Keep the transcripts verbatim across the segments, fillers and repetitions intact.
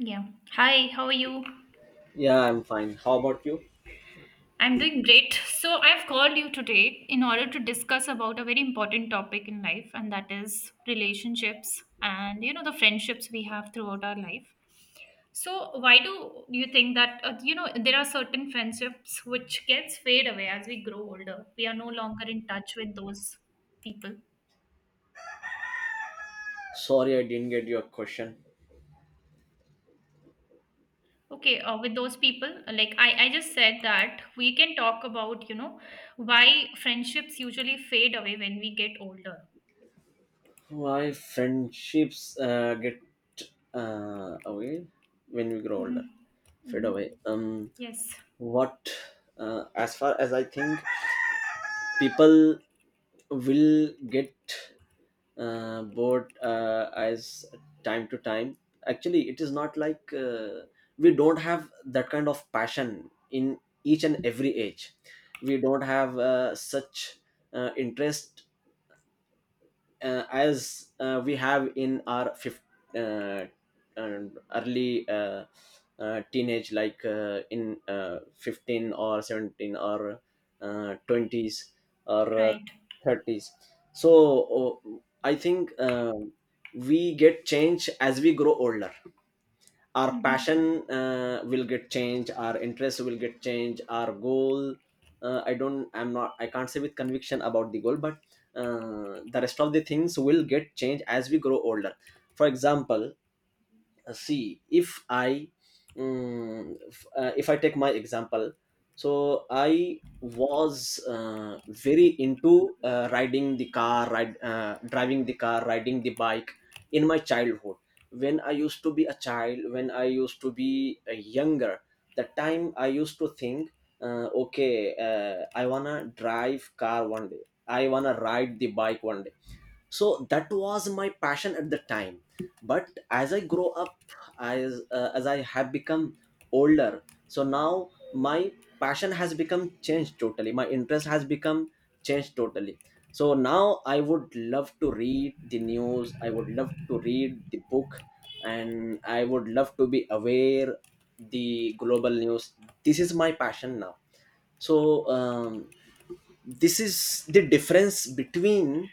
Yeah. Hi, how are you? Yeah, I'm fine. How about you? I'm doing great. So I've called you today in order to discuss about a very important topic in life, and that is relationships and you know the friendships we have throughout our life. So why do you think that uh, you know there are certain friendships which gets fade away as we grow older? We are no longer in touch with those people. Sorry, I didn't get your question. Okay, uh, with those people, like I, I just said that we can talk about you know why friendships usually fade away when we get older. Why friendships uh, get uh, away when we grow Mm-hmm. older, fade Mm-hmm. away. Um, Yes, what, uh, as far as I think, people will get uh, bored uh, as time to time. Actually, it is not like uh, we don't have that kind of passion in each and every age. We don't have uh, such uh, interest uh, as uh, we have in our fifth, uh, um, early uh, uh, teenage, like uh, in uh, fifteen or seventeen or uh, twenties or uh, right. thirties. So uh, I think uh, we get change as we grow older, our Mm-hmm. passion uh, will get changed, our interest will get changed, our goal, uh, I don't I'm not I can't say with conviction about the goal, but uh, the rest of the things will get changed as we grow older. For example, uh, see, if i mm, f- uh, if i take my example, so I was uh, very into uh, riding the car ride uh, driving the car, riding the bike in my childhood, when I used to be a child, when I used to be uh, younger, the time I used to think, uh, okay, uh, I wanna drive car one day, I wanna ride the bike one day. So that was my passion at the time. But as I grow up, as uh, as I have become older, so now my passion has become changed totally, my interest has become changed totally. So now I would love to read the news, I would love to read the book, and I would love to be aware the global news. This is my passion now. So um, this is the difference between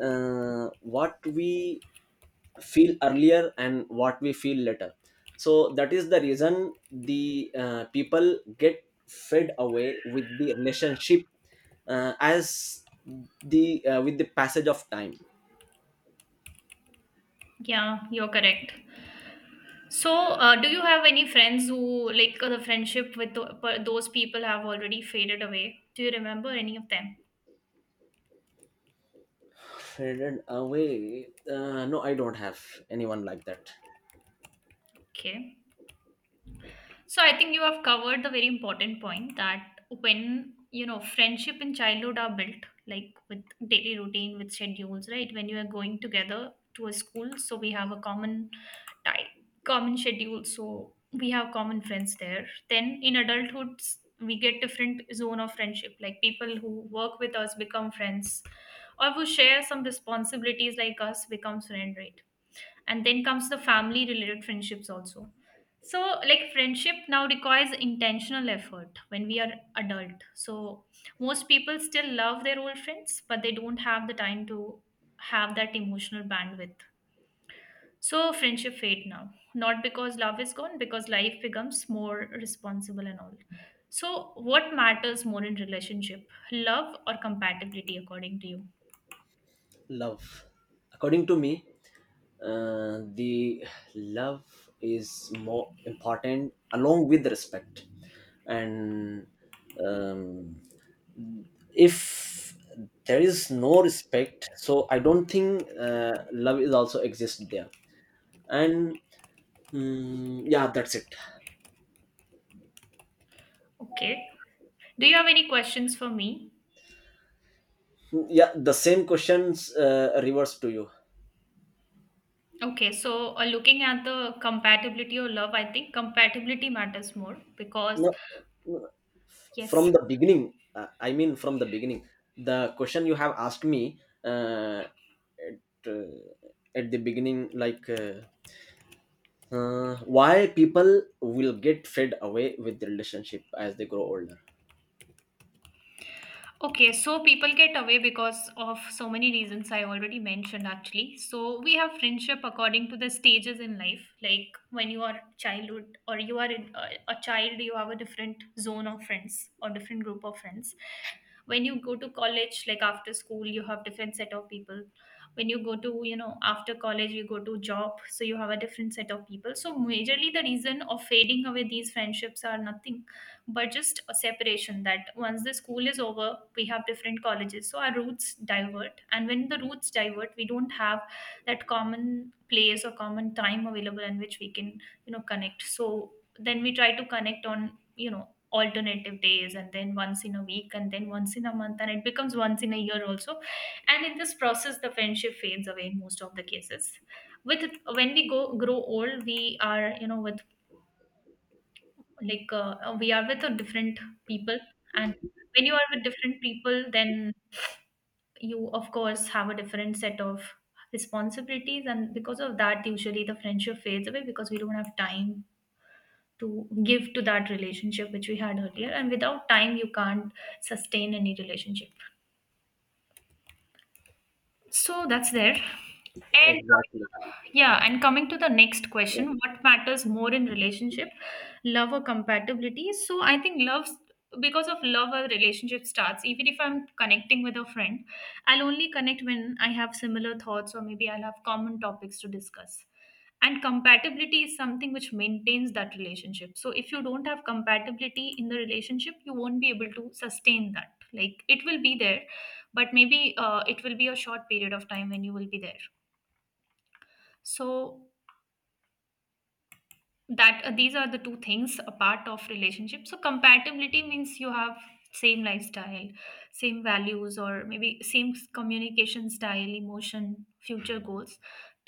uh, what we feel earlier and what we feel later. So that is the reason the uh, people get fed away with the relationship uh, as the uh, with the passage of time. Yeah, you're correct. So, uh, do you have any friends who, like, uh, the friendship with tho- per- those people have already faded away? Do you remember any of them? Faded away, uh, no, I don't have anyone like that. Okay. So I think you have covered the very important point that when you know friendship in childhood are built like with daily routine with schedules, right? When you are going together to a school, so we have a common time, common schedule, so we have common friends there. Then in adulthood, we get different zone of friendship, like people who work with us become friends or who share some responsibilities like us becomes friend, right? And then comes the family related friendships also. So like friendship now requires intentional effort when we are adult, so most people still love their old friends but they don't have the time to have that emotional bandwidth. So friendship fade now, not because love is gone, because life becomes more responsible and all. So what matters more in relationship, love or compatibility, according to you? Love, according to me, uh, the love is more important along with respect. And um, if there is no respect, so I don't think uh, love is also exist there. And mm, yeah, that's it. Okay, do you have any questions for me? Yeah, the same questions uh, reverse to you. Okay, so uh, looking at the compatibility or love, I think compatibility matters more because, No, f- yes, from the beginning, uh, I mean from the beginning, the question you have asked me, uh, to- at the beginning, like, uh, uh, why people will get fed away with the relationship as they grow older. okay, so people get away because of so many reasons I already mentioned actually. So we have friendship according to the stages in life. Like when you are childhood or you are in, uh, a child, you have a different zone of friends or different group of friends. When you go to college, like after school, you have different set of people. When you go to, you know, after college, you go to job, so you have a different set of people. So majorly the reason of fading away these friendships are nothing but just a separation, that once the school is over we have different colleges, so our routes divert, and when the routes divert we don't have that common place or common time available in which we can, you know, connect. So then we try to connect on, you know, alternative days and then once in a week and then once in a month and it becomes once in a year also. And in this process the friendship fades away in most of the cases. With, when we go grow old, we are, you know, with, like uh, uh, we are with uh, different people. And when you are with different people, then you of course have a different set of responsibilities, and because of that usually the friendship fades away because we don't have time to give to that relationship which we had earlier, and without time you can't sustain any relationship. So that's there. And coming to Exactly. the- yeah, and coming to the next Yeah. question, what matters more in relationship, love or compatibility? So I think love, because of love, a relationship starts. Even if I'm connecting with a friend, I'll only connect when I have similar thoughts or maybe I'll have common topics to discuss. And compatibility is something which maintains that relationship. So if you don't have compatibility in the relationship, you won't be able to sustain that. Like it will be there but maybe uh, it will be a short period of time when you will be there. So that uh, these are the two things a part of relationship. So compatibility means you have same lifestyle, same values, or maybe same s- communication style, emotion, future goals.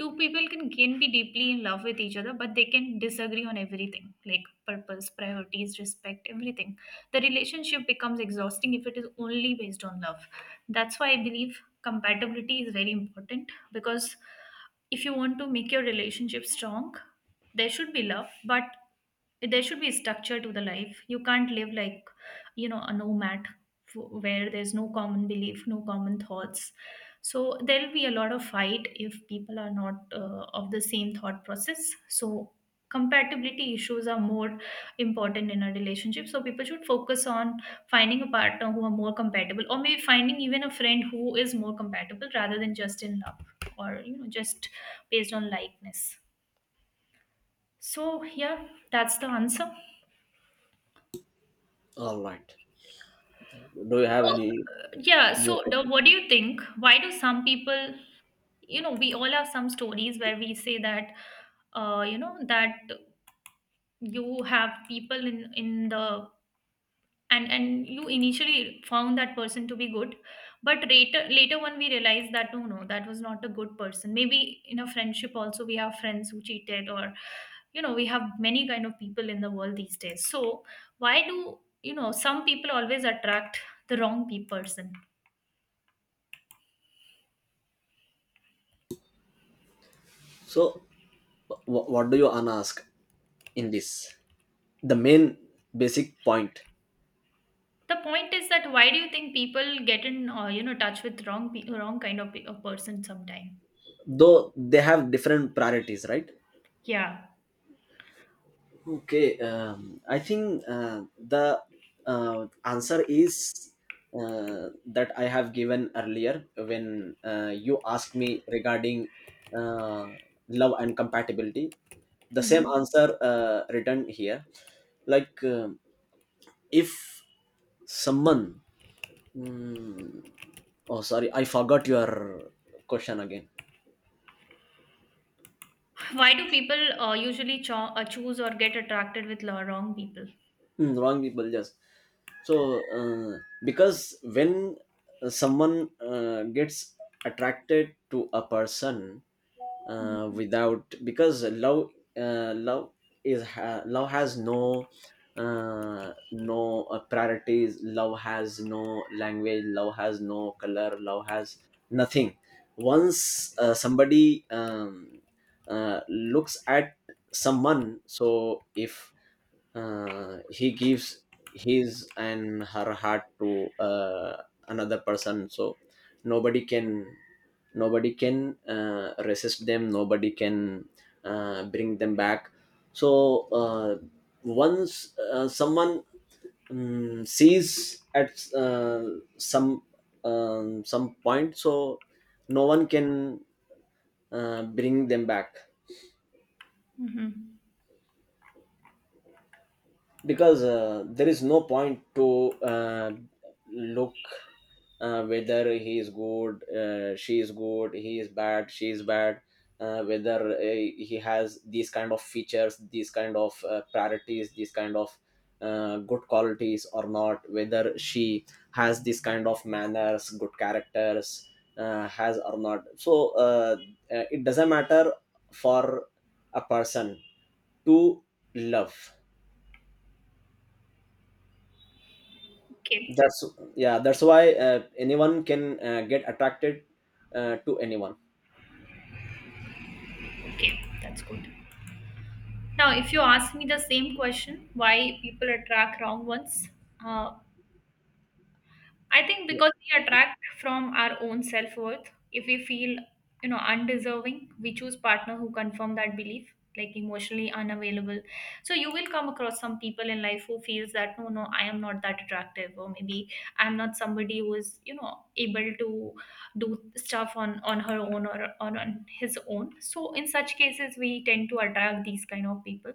Two people can can be deeply in love with each other but they can disagree on everything, like purpose, priorities, respect, everything. The relationship becomes exhausting if it is only based on love. That's why I believe compatibility is very important, because if you want to make your relationship strong, there should be love, but there should be structure to the life. You can't live like, you know, a nomad, f- where there's no common belief, no common thoughts. So there'll be a lot of fight if people are not uh, of the same thought process. So compatibility issues are more important in a relationship, so people should focus on finding a partner who are more compatible, or maybe finding even a friend who is more compatible, rather than just in love or, you know, just based on likeness. So, yeah, that's the answer. All right. Thank you. Do you have Oh, any yeah, more so the, questions? what do you think? Why do some people, you know, we all have some stories where we say that, uh, you know, that you have people in in the, and and you initially found that person to be good, but later later when we realize that, no, no, that was not a good person. Maybe in a friendship also we have friends who cheated or, you know, we have many kind of people in the world these days. So why do, you know, some people always attract the wrong people? Person, So, w- what do you wanna ask in this? The main basic point, the point is that why do you think people get in, uh, you know touch with wrong pe- wrong kind of pe- of person sometime? though they have different priorities, right? Yeah. Okay, um, I think uh, the uh, answer is uh, that I have given earlier when uh, you asked me regarding uh, love and compatibility. The same Hmm. answer uh, written here. Like, um if someone, mm, oh, sorry, I forgot your question again. Why do people uh, usually cho- uh, choose or get attracted with lo- wrong people? Mm, wrong people, just so uh, because when uh, someone uh, gets attracted to a person uh, Mm-hmm. without, because love uh, love is ha- love has no uh, no uh, priorities, love has no language, love has no color, love has nothing. Once uh, somebody um, uh, looks at someone, so if uh, he gives his and her heart to uh, another person, so nobody can nobody can uh, resist them, nobody can uh, bring them back. So uh, once uh, someone um, sees at uh, some um, some point, so no one can uh, bring them back, Mm-hmm. because uh, there is no point to uh, look uh, whether he is good, uh, she is good, he is bad, she is bad, uh, whether uh, he has these kind of features, these kind of uh, priorities, these kind of uh, good qualities or not, whether she has this kind of manners, good characters uh, has or not. So uh, uh, it doesn't matter for a person to love. Okay. That's, yeah, that's why uh, anyone can uh, get attracted uh, to anyone. Okay, that's good. Now if you ask me the same question, why people attract wrong ones, uh, I think because we attract from our own self worth. If we feel, you know, undeserving, we choose partner who confirm that belief, like emotionally unavailable. So you will come across some people in life who feels that, no, no, I am not that attractive, or maybe I'm not somebody who is, you know, able to do stuff on on her own, or, or on his own. So in such cases, we tend to attract these kind of people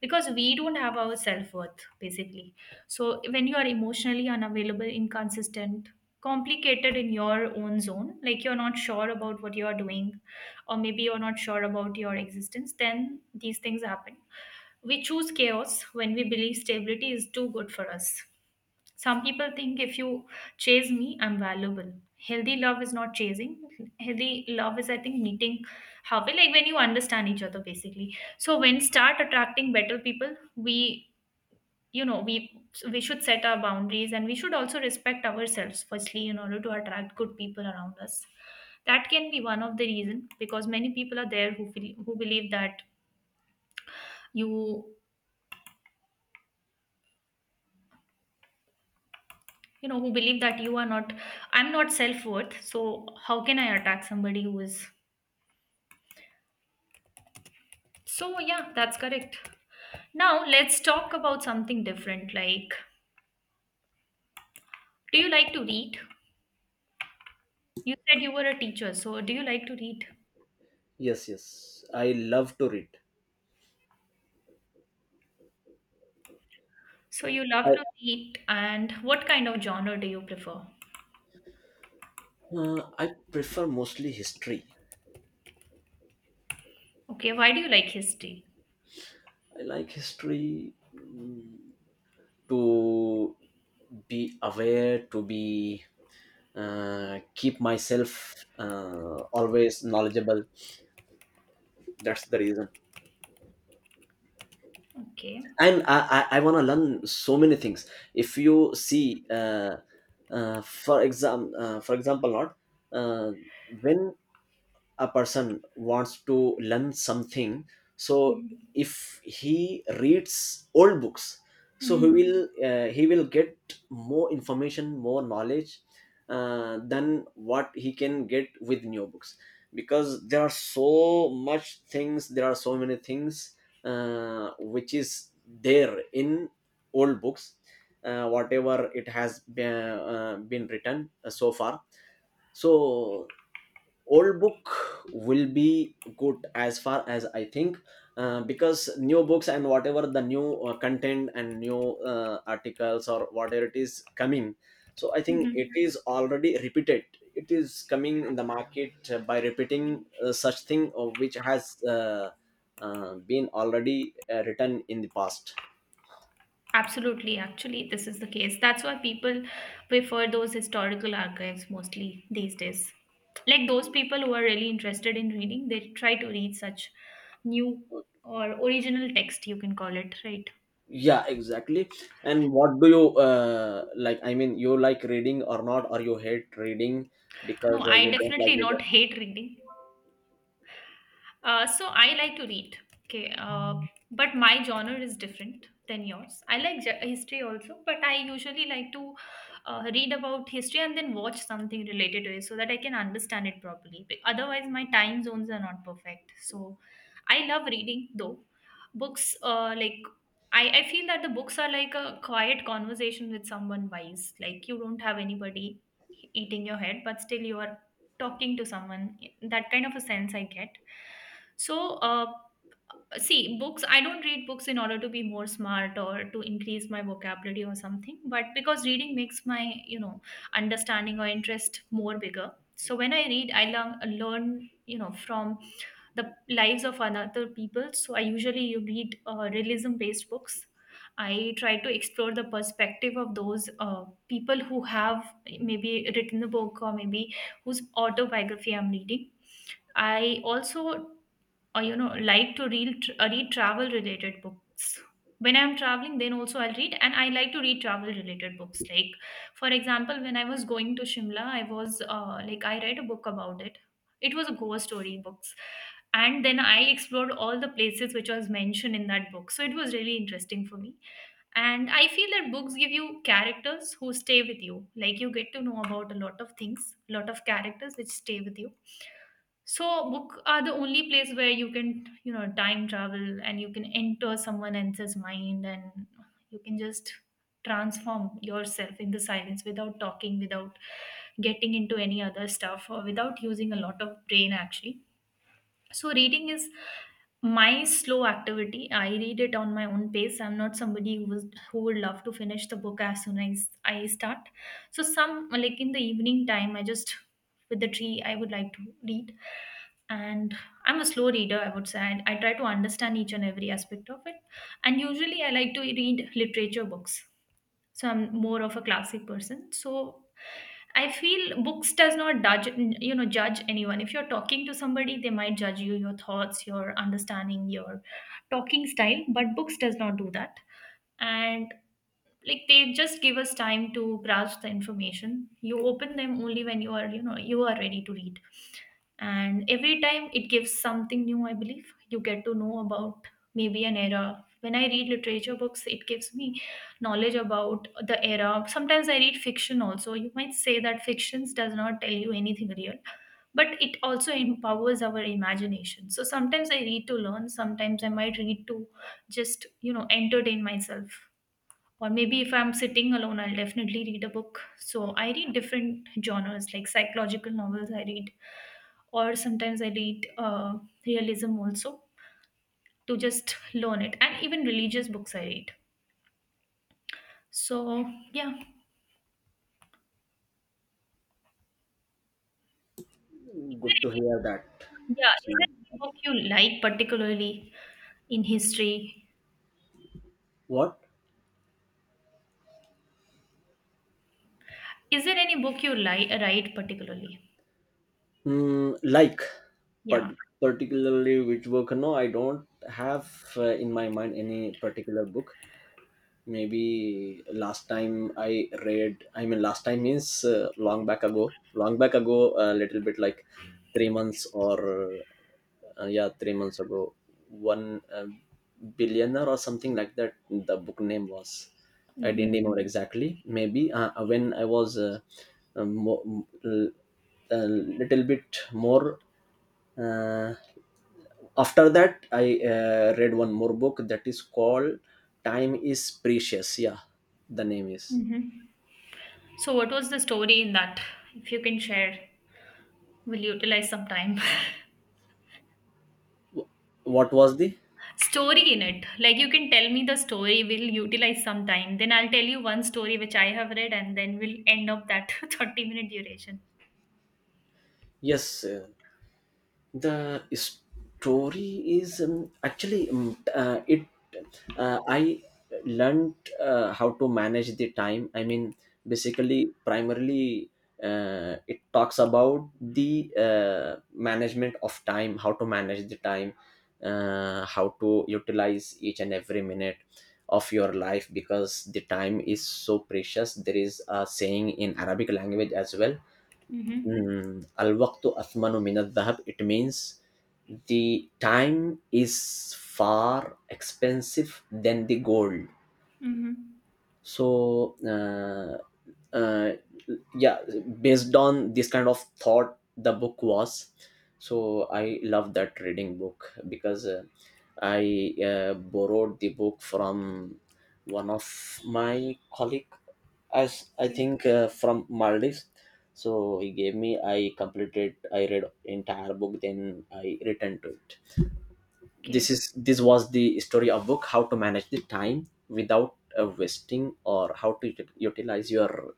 because we don't have our self worth basically. So, when you are emotionally unavailable, inconsistent, complicated in your own zone, like you're not sure about what you are doing, or maybe you're not sure about your existence, then these things happen. We choose chaos when we believe stability is too good for us. Some people think, if you chase me, I'm valuable. Healthy love is not chasing. Healthy love is, I think, meeting halfway, like when you understand each other, basically. So, when start attracting better people, we, you know, we we should set our boundaries and we should also respect ourselves firstly in order to attract good people around us. That can be one of the reason, because many people are there who feel, who believe that you you know, who believe that you are not, I'm not self-worth, so how can I attack somebody who is. So yeah, that's correct. Now let's talk about something different, like, do you like to read? You said you were a teacher, so do you like to read? Yes, yes, I love to read. So you love I, to read, and what kind of genre do you prefer? uh, I prefer mostly history. Okay, why do you like history? I like history to be aware, to be uh, keep myself uh, always knowledgeable. That's the reason. Okay. And i i, I want to learn so many things. If you see, uh, uh, for exam uh, for example, not uh, when a person wants to learn something, so Mm-hmm. if he reads old books, so he Mm-hmm. will uh, he will get more information, more knowledge uh, than what he can get with new books. Because there are so much things, there are so many things uh, which is there in old books, uh, whatever it has been, uh, been written uh, so far. So old book will be good, as far as I think, uh, because new books and whatever the new uh, content and new uh, articles or whatever it is coming, so I think it is already repeated. It is coming in the market uh, by repeating uh, such thing of which has uh, uh, been already uh, written in the past. Absolutely, actually, this is the case. That's why people prefer those historical archives mostly these days. Like those people who are really interested in reading, they try to read such new or original text, you can call it, right? Yeah, exactly. And what do you uh, like, I mean, you like reading or not, or you hate reading? No, Because uh, I you don't definitely like not reading. hate reading. Uh, so I like to read. Okay, uh, but my genre is different than yours. I like ge- history also, but I usually like to uh, read about history and then watch something related to it so that I can understand it properly. Be- otherwise, my time zones are not perfect. So I love reading though. Books, uh, like I, I feel that the books are like a quiet conversation with someone wise. Like you don't have anybody eating your head, but still you are talking to someone, that kind of a sense I get. so uh, See, books, I don't read books in order to be more smart or to increase my vocabulary or something, but because reading makes my you know understanding or interest more bigger. So when I read, I learn, learn, you know, from the lives of another people. So I usually read uh, realism based books. I try to explore the perspective of those uh, people who have maybe written a book, or maybe whose autobiography I'm reading. I also, or you know like to read uh, read travel related books. When I'm traveling, then also I'll read, and I like to read travel related books. Like, for example, when I was going to Shimla, I was uh, like, I read a book about it. It was a ghost story books, and then I explored all the places which was mentioned in that book. So it was really interesting for me. And I feel that books give you characters who stay with you. Like, you get to know about a lot of things, lot of characters which stay with you. So book are the only place where you can, you know, time travel, and you can enter someone else's mind and you can just transform yourself in the silence, without talking, without getting into any other stuff, or without using a lot of brain actually. So reading is my slow activity. I read it on my own pace. I'm not somebody who was, who would love to finish the book as soon as I start. So some, like in the evening time, I just with the tree, I would like to read. And I'm a slow reader, I would say. And I try to understand each and every aspect of it. And usually I like to read literature books. So I'm more of a classic person. So I feel books does not judge you know judge anyone. If you're talking to somebody, they might judge you, your thoughts, your understanding, your talking style. But books does not do that, and like, they just give us time to grasp the information. You open them only when you are you know you are ready to read, and every time it gives something new. I believe you get to know about maybe an era. When I read literature books, it gives me knowledge about the era. Sometimes I read fiction also. You might say that fictions does not tell you anything real, but it also empowers our imagination. So sometimes I read to learn, sometimes I might read to just, you know, entertain myself, or maybe if I'm sitting alone, I'll definitely read a book. So I read different genres, like psychological novels I read, or sometimes I read uh, realism also, to just learn it, and even religious books I read. So yeah, Good to hear that. yeah. Is there any book you like particularly in history? What? Is there any book you like write particularly? Mm, like, but Yeah. particularly which book? No, I don't have uh, in my mind any particular book. Maybe last time I read, I mean last time means uh, long back ago, long back ago, a little bit, like three months or uh, yeah, three months ago. One uh, billionaire or something like that, the book name was. I didn't Hmm. remember exactly. Maybe uh, when I was uh, uh, mo- l- a little bit more, uh, after that I uh, read one more book that is called Time Is Precious, yeah, the name is. Hmm. So what was the story in that? If you can share, we'll utilize some time. What was the? Story in it, like, you can tell me the story. We'll utilize some time. Then I'll tell you one story which I have read, and then we'll end up that thirty minute duration. Yes, uh, the story is, um, actually, um, uh, it, uh, I learned uh, how to manage the time, I mean, basically primarily uh, it talks about the uh, management of time, how to manage the time, uh, how to utilize each and every minute of your life, because the time is so precious. There is a saying in Arabic language as well. Mm-hmm. Mm, Al-waqtu athmanu min al-dhahab. It means the time is far expensive than the gold. Mm-hmm. So uh, uh, yeah, based on this kind of thought the book was. So I love that reading book, because uh, I uh, borrowed the book from one of my colleague, as I Okay. think, uh, from Maldives. So he gave me, I completed, I read entire book, then I returned to it. Okay. This is, this was the story of book, how to manage the time without uh, wasting or how to ut- utilize your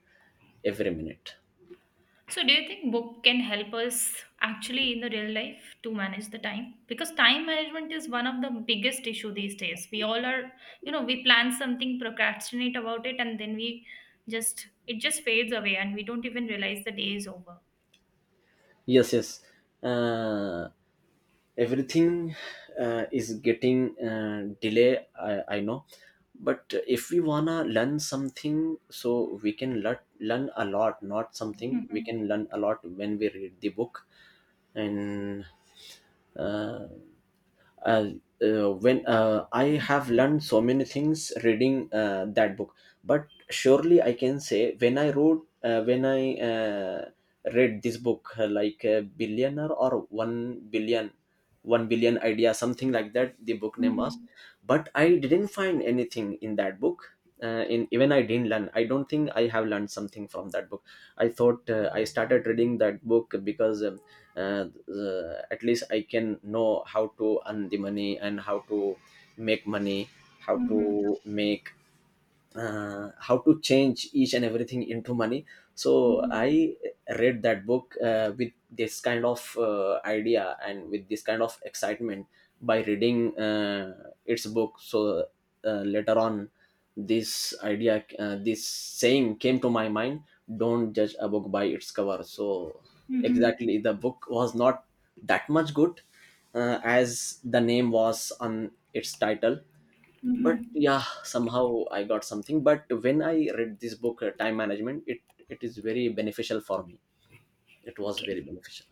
every minute. So, do you think book can help us actually in the real life to manage the time? Because time management is one of the biggest issue these days. We all are, you know, we plan something, procrastinate about it, and then we just, it just fades away, and we don't even realize the day is over. Yes, yes, uh, everything uh, is getting uh, delay, I, I know. But if we wanna learn something, so we can learn, learn a lot, not something, we can Mm-hmm. learn a lot when we read the book. And uh, uh, uh, when uh, I have learned so many things reading uh, that book. But surely I can say, when I wrote, uh, when I uh, read this book uh, like a billionaire or one billion, one billion idea, something like that, the book name was. Mm-hmm. But I didn't find anything in that book, uh, in even I didn't learn, I don't think I have learned something from that book. I thought, uh, I started reading that book because uh, uh, uh, at least I can know how to earn the money and how to make money, how Mm-hmm. to make uh, how to change each and everything into money. So Mm-hmm. I read that book uh, with this kind of uh, idea and with this kind of excitement, by reading uh, its book. So uh, later on, this idea, uh, this saying came to my mind, don't judge a book by its cover. So Mm-hmm. exactly, the book was not that much good uh, as the name was on its title. But Mm-hmm. yeah, somehow I got something. But when I read this book, uh, time management, it it is very beneficial for me, it was Okay. very beneficial.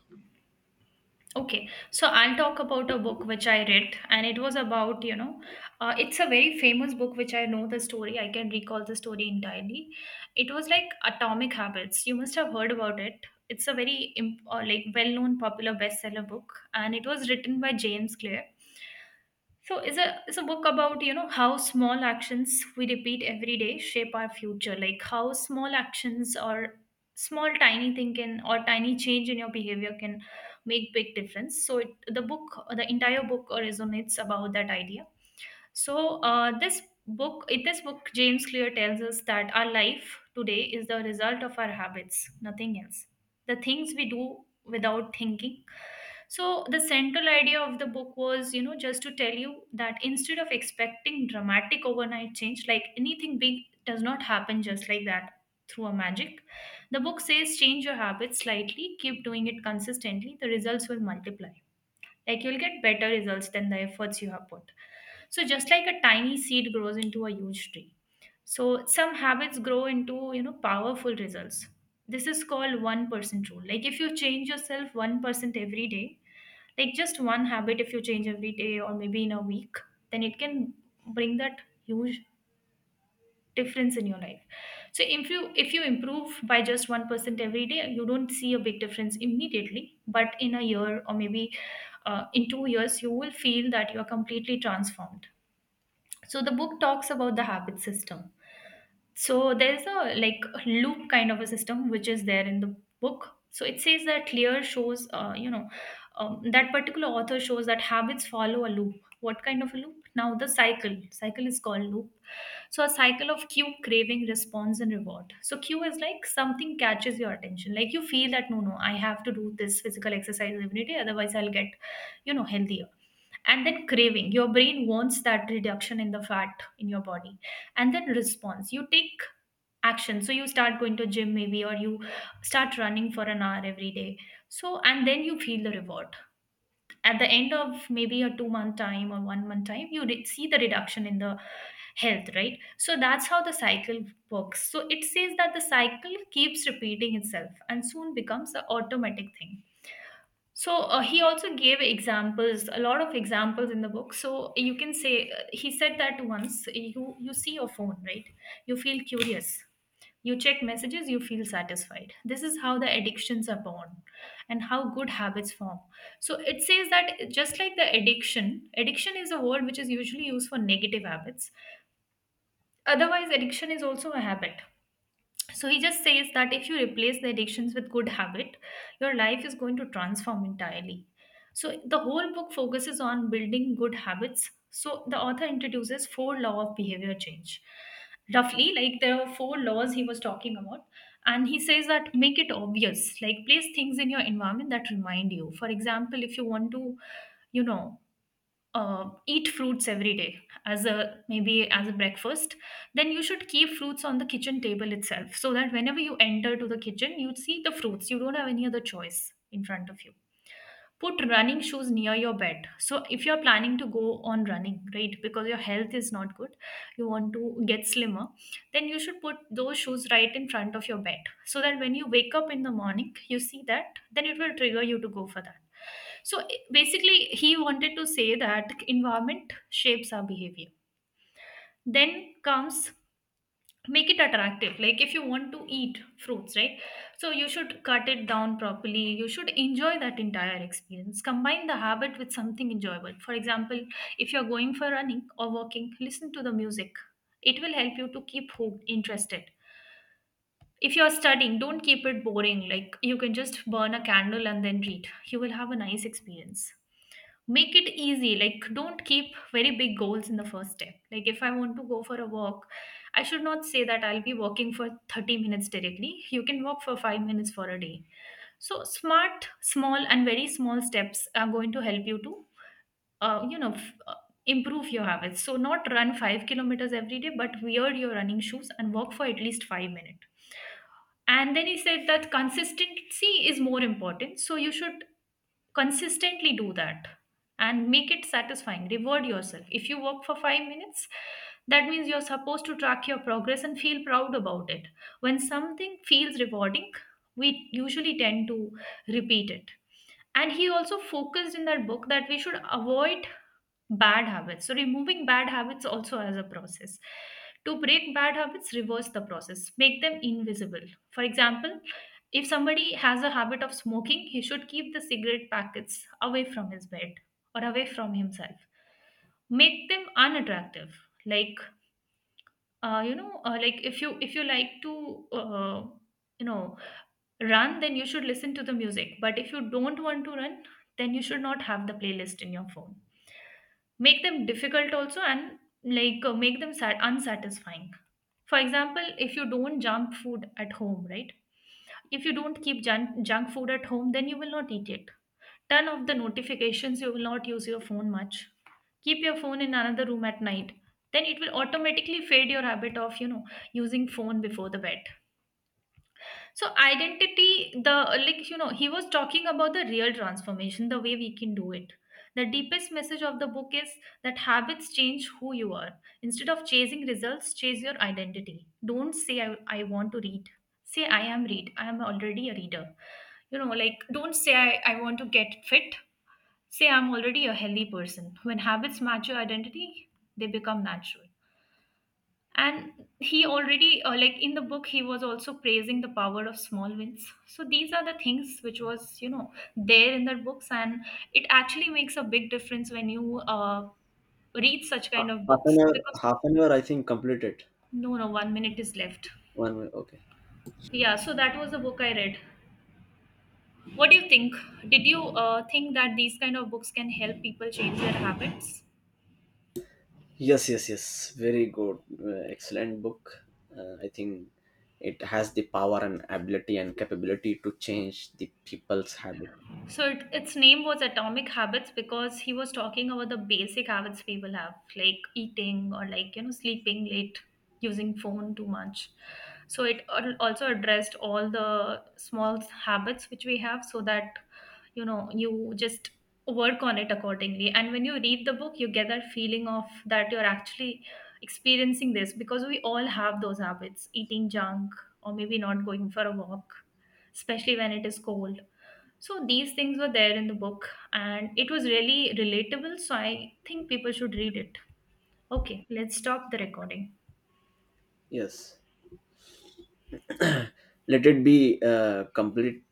Okay, so I'll talk about a book which I read, and it was about, you know, uh, it's a very famous book which I know the story. I can recall the story entirely. It was like Atomic Habits. You must have heard about it. It's a very imp- uh, like, well-known popular bestseller book, and it was written by James Clear. So it's a it's a book about, you know, how small actions we repeat every day shape our future. Like, how small actions or small tiny thing can, or tiny change in your behavior can make big difference. So it, the book, the entire book resonates about that idea. So uh, this book, in this book, James Clear tells us that our life today is the result of our habits, nothing else. The things we do without thinking. So the central idea of the book was, you know, just to tell you that instead of expecting dramatic overnight change, like anything big does not happen just like that through a magic. The book says, change your habits slightly, keep doing it consistently, the results will multiply. Like, you'll get better results than the efforts you have put. So, just like a tiny seed grows into a huge tree. So, some habits grow into, you know, powerful results. This is called one percent rule. Like, if you change yourself one percent every day, like, just one habit if you change every day or maybe in a week, then it can bring that huge difference in your life. So if you if you improve by just one percent every day, you don't see a big difference immediately, but in a year or maybe uh, in two years you will feel that you are completely transformed. So the book talks about the habit system. So there's a like loop kind of a system which is there in the book. So it says that Lear shows, uh, you know, um, that particular author shows that habits follow a loop. What kind of a loop? Now the cycle. Cycle is called loop. So a cycle of cue, craving, response, and reward. So cue is like something catches your attention. Like, you feel that no, no, I have to do this physical exercise every day, otherwise I'll get, you know, healthier, and then craving, your brain wants that reduction in the fat in your body, and then response, you take action. So you start going to gym maybe, or you start running for an hour every day. So and then you feel the reward at the end of maybe a two month time or one month time. You re- see the reduction in the health, right? So that's how the cycle works. So it says that the cycle keeps repeating itself and soon becomes an automatic thing. So uh, he also gave examples, a lot of examples in the book. So you can say uh, he said that once you you see your phone, right? You feel curious. You check messages, you feel satisfied. This is how the addictions are born and how good habits form. So it says that just like the addiction, addiction is a word which is usually used for negative habits. Otherwise, addiction is also a habit. So he just says that if you replace the addictions with good habit, your life is going to transform entirely. So the whole book focuses on building good habits. So the author introduces four law of behavior change. Roughly, like, there were four laws he was talking about. And he says that make it obvious, like, place things in your environment that remind you. For example, if you want to, you know, uh, eat fruits every day as a maybe as a breakfast, then you should keep fruits on the kitchen table itself so that whenever you enter to the kitchen, you see the fruits, you don't have any other choice in front of you. Put running shoes near your bed. So if you're planning to go on running, right, because your health is not good, you want to get slimmer, then you should put those shoes right in front of your bed so that when you wake up in the morning, you see that, then it will trigger you to go for that. So I- basically, he wanted to say that environment shapes our behavior. Then comes make it attractive. Like, if you want to eat fruits, right, so you should cut it down properly, you should enjoy that entire experience, combine the habit with something enjoyable. For example, if you're going for running or walking, listen to the music. It will help you to keep hooked, interested. If you're studying, don't keep it boring. Like, you can just burn a candle and then read, you will have a nice experience. Make it easy, like, don't keep very big goals in the first step. Like, if I want to go for a walk, I should not say that I'll be walking for thirty minutes directly. You can walk for five minutes for a day. So smart, small and very small steps are going to help you to uh, you know, f- uh, improve your habits. So not run five kilometers every day, but wear your running shoes and walk for at least five minutes. And then he said that consistency is more important. So you should consistently do that, and make it satisfying. Reward yourself. If you work for five minutes, that means you're supposed to track your progress and feel proud about it. When something feels rewarding, we usually tend to repeat it. And he also focused in that book that we should avoid bad habits. So removing bad habits also as a process. To break bad habits, reverse the process, make them invisible. For example, if somebody has a habit of smoking, he should keep the cigarette packets away from his bed, or away from himself. Make them unattractive. Like, uh, you know uh, like, if you, if you like to, uh, you know run, then you should listen to the music, but if you don't want to run, then you should not have the playlist in your phone. Make them difficult also, and like, uh, make them sad, unsatisfying. For example, if you don't junk food at home, right, if you don't keep junk, junk food at home, then you will not eat it. Turn off the notifications, you will not use your phone much. Keep your phone in another room at night, then it will automatically fade your habit of, you know, using phone before the bed. So identity, the, like, you know, he was talking about the real transformation, the way we can do it. The deepest message of the book is that habits change who you are. Instead of chasing results, chase your identity. Don't say i, I want to read, say I am read, I am already a reader. You know, like, don't say i, I want to get fit. Say, I'm already a healthy person. When habits match your identity, they become natural. And he already, uh, like, in the book, he was also praising the power of small wins. So these are the things which was, you know, there in the books. And it actually makes a big difference when you uh, read such kind of Half books, an hour, because half an hour I think completed. no, no, one minute is left. One way, okay. Yeah, so that was the book I read. What do you think? Did you uh, think that these kind of books can help people change their habits? Yes, yes, yes, very good, uh, excellent book. uh, I think it has the power and ability and capability to change the people's habit. So it, its name was Atomic Habits because he was talking about the basic habits people have, like eating or, like, you know, sleeping late, using phone too much. So it al- also addressed all the small habits which we have, so that, you know, you just work on it accordingly. And when you read the book, you get that feeling of that you're actually experiencing this, because we all have those habits, eating junk or maybe not going for a walk, especially when it is cold. So these things were there in the book, and it was really relatable. So I think people should read it. Okay, let's stop the recording. Yes, let it be uh, complete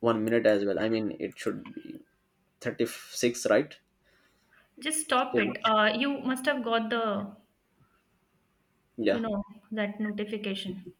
one minute as well, I mean it should be thirty-six, right? Just stop Yeah. it. Uh, you must have got the, you Yeah. know, that notification.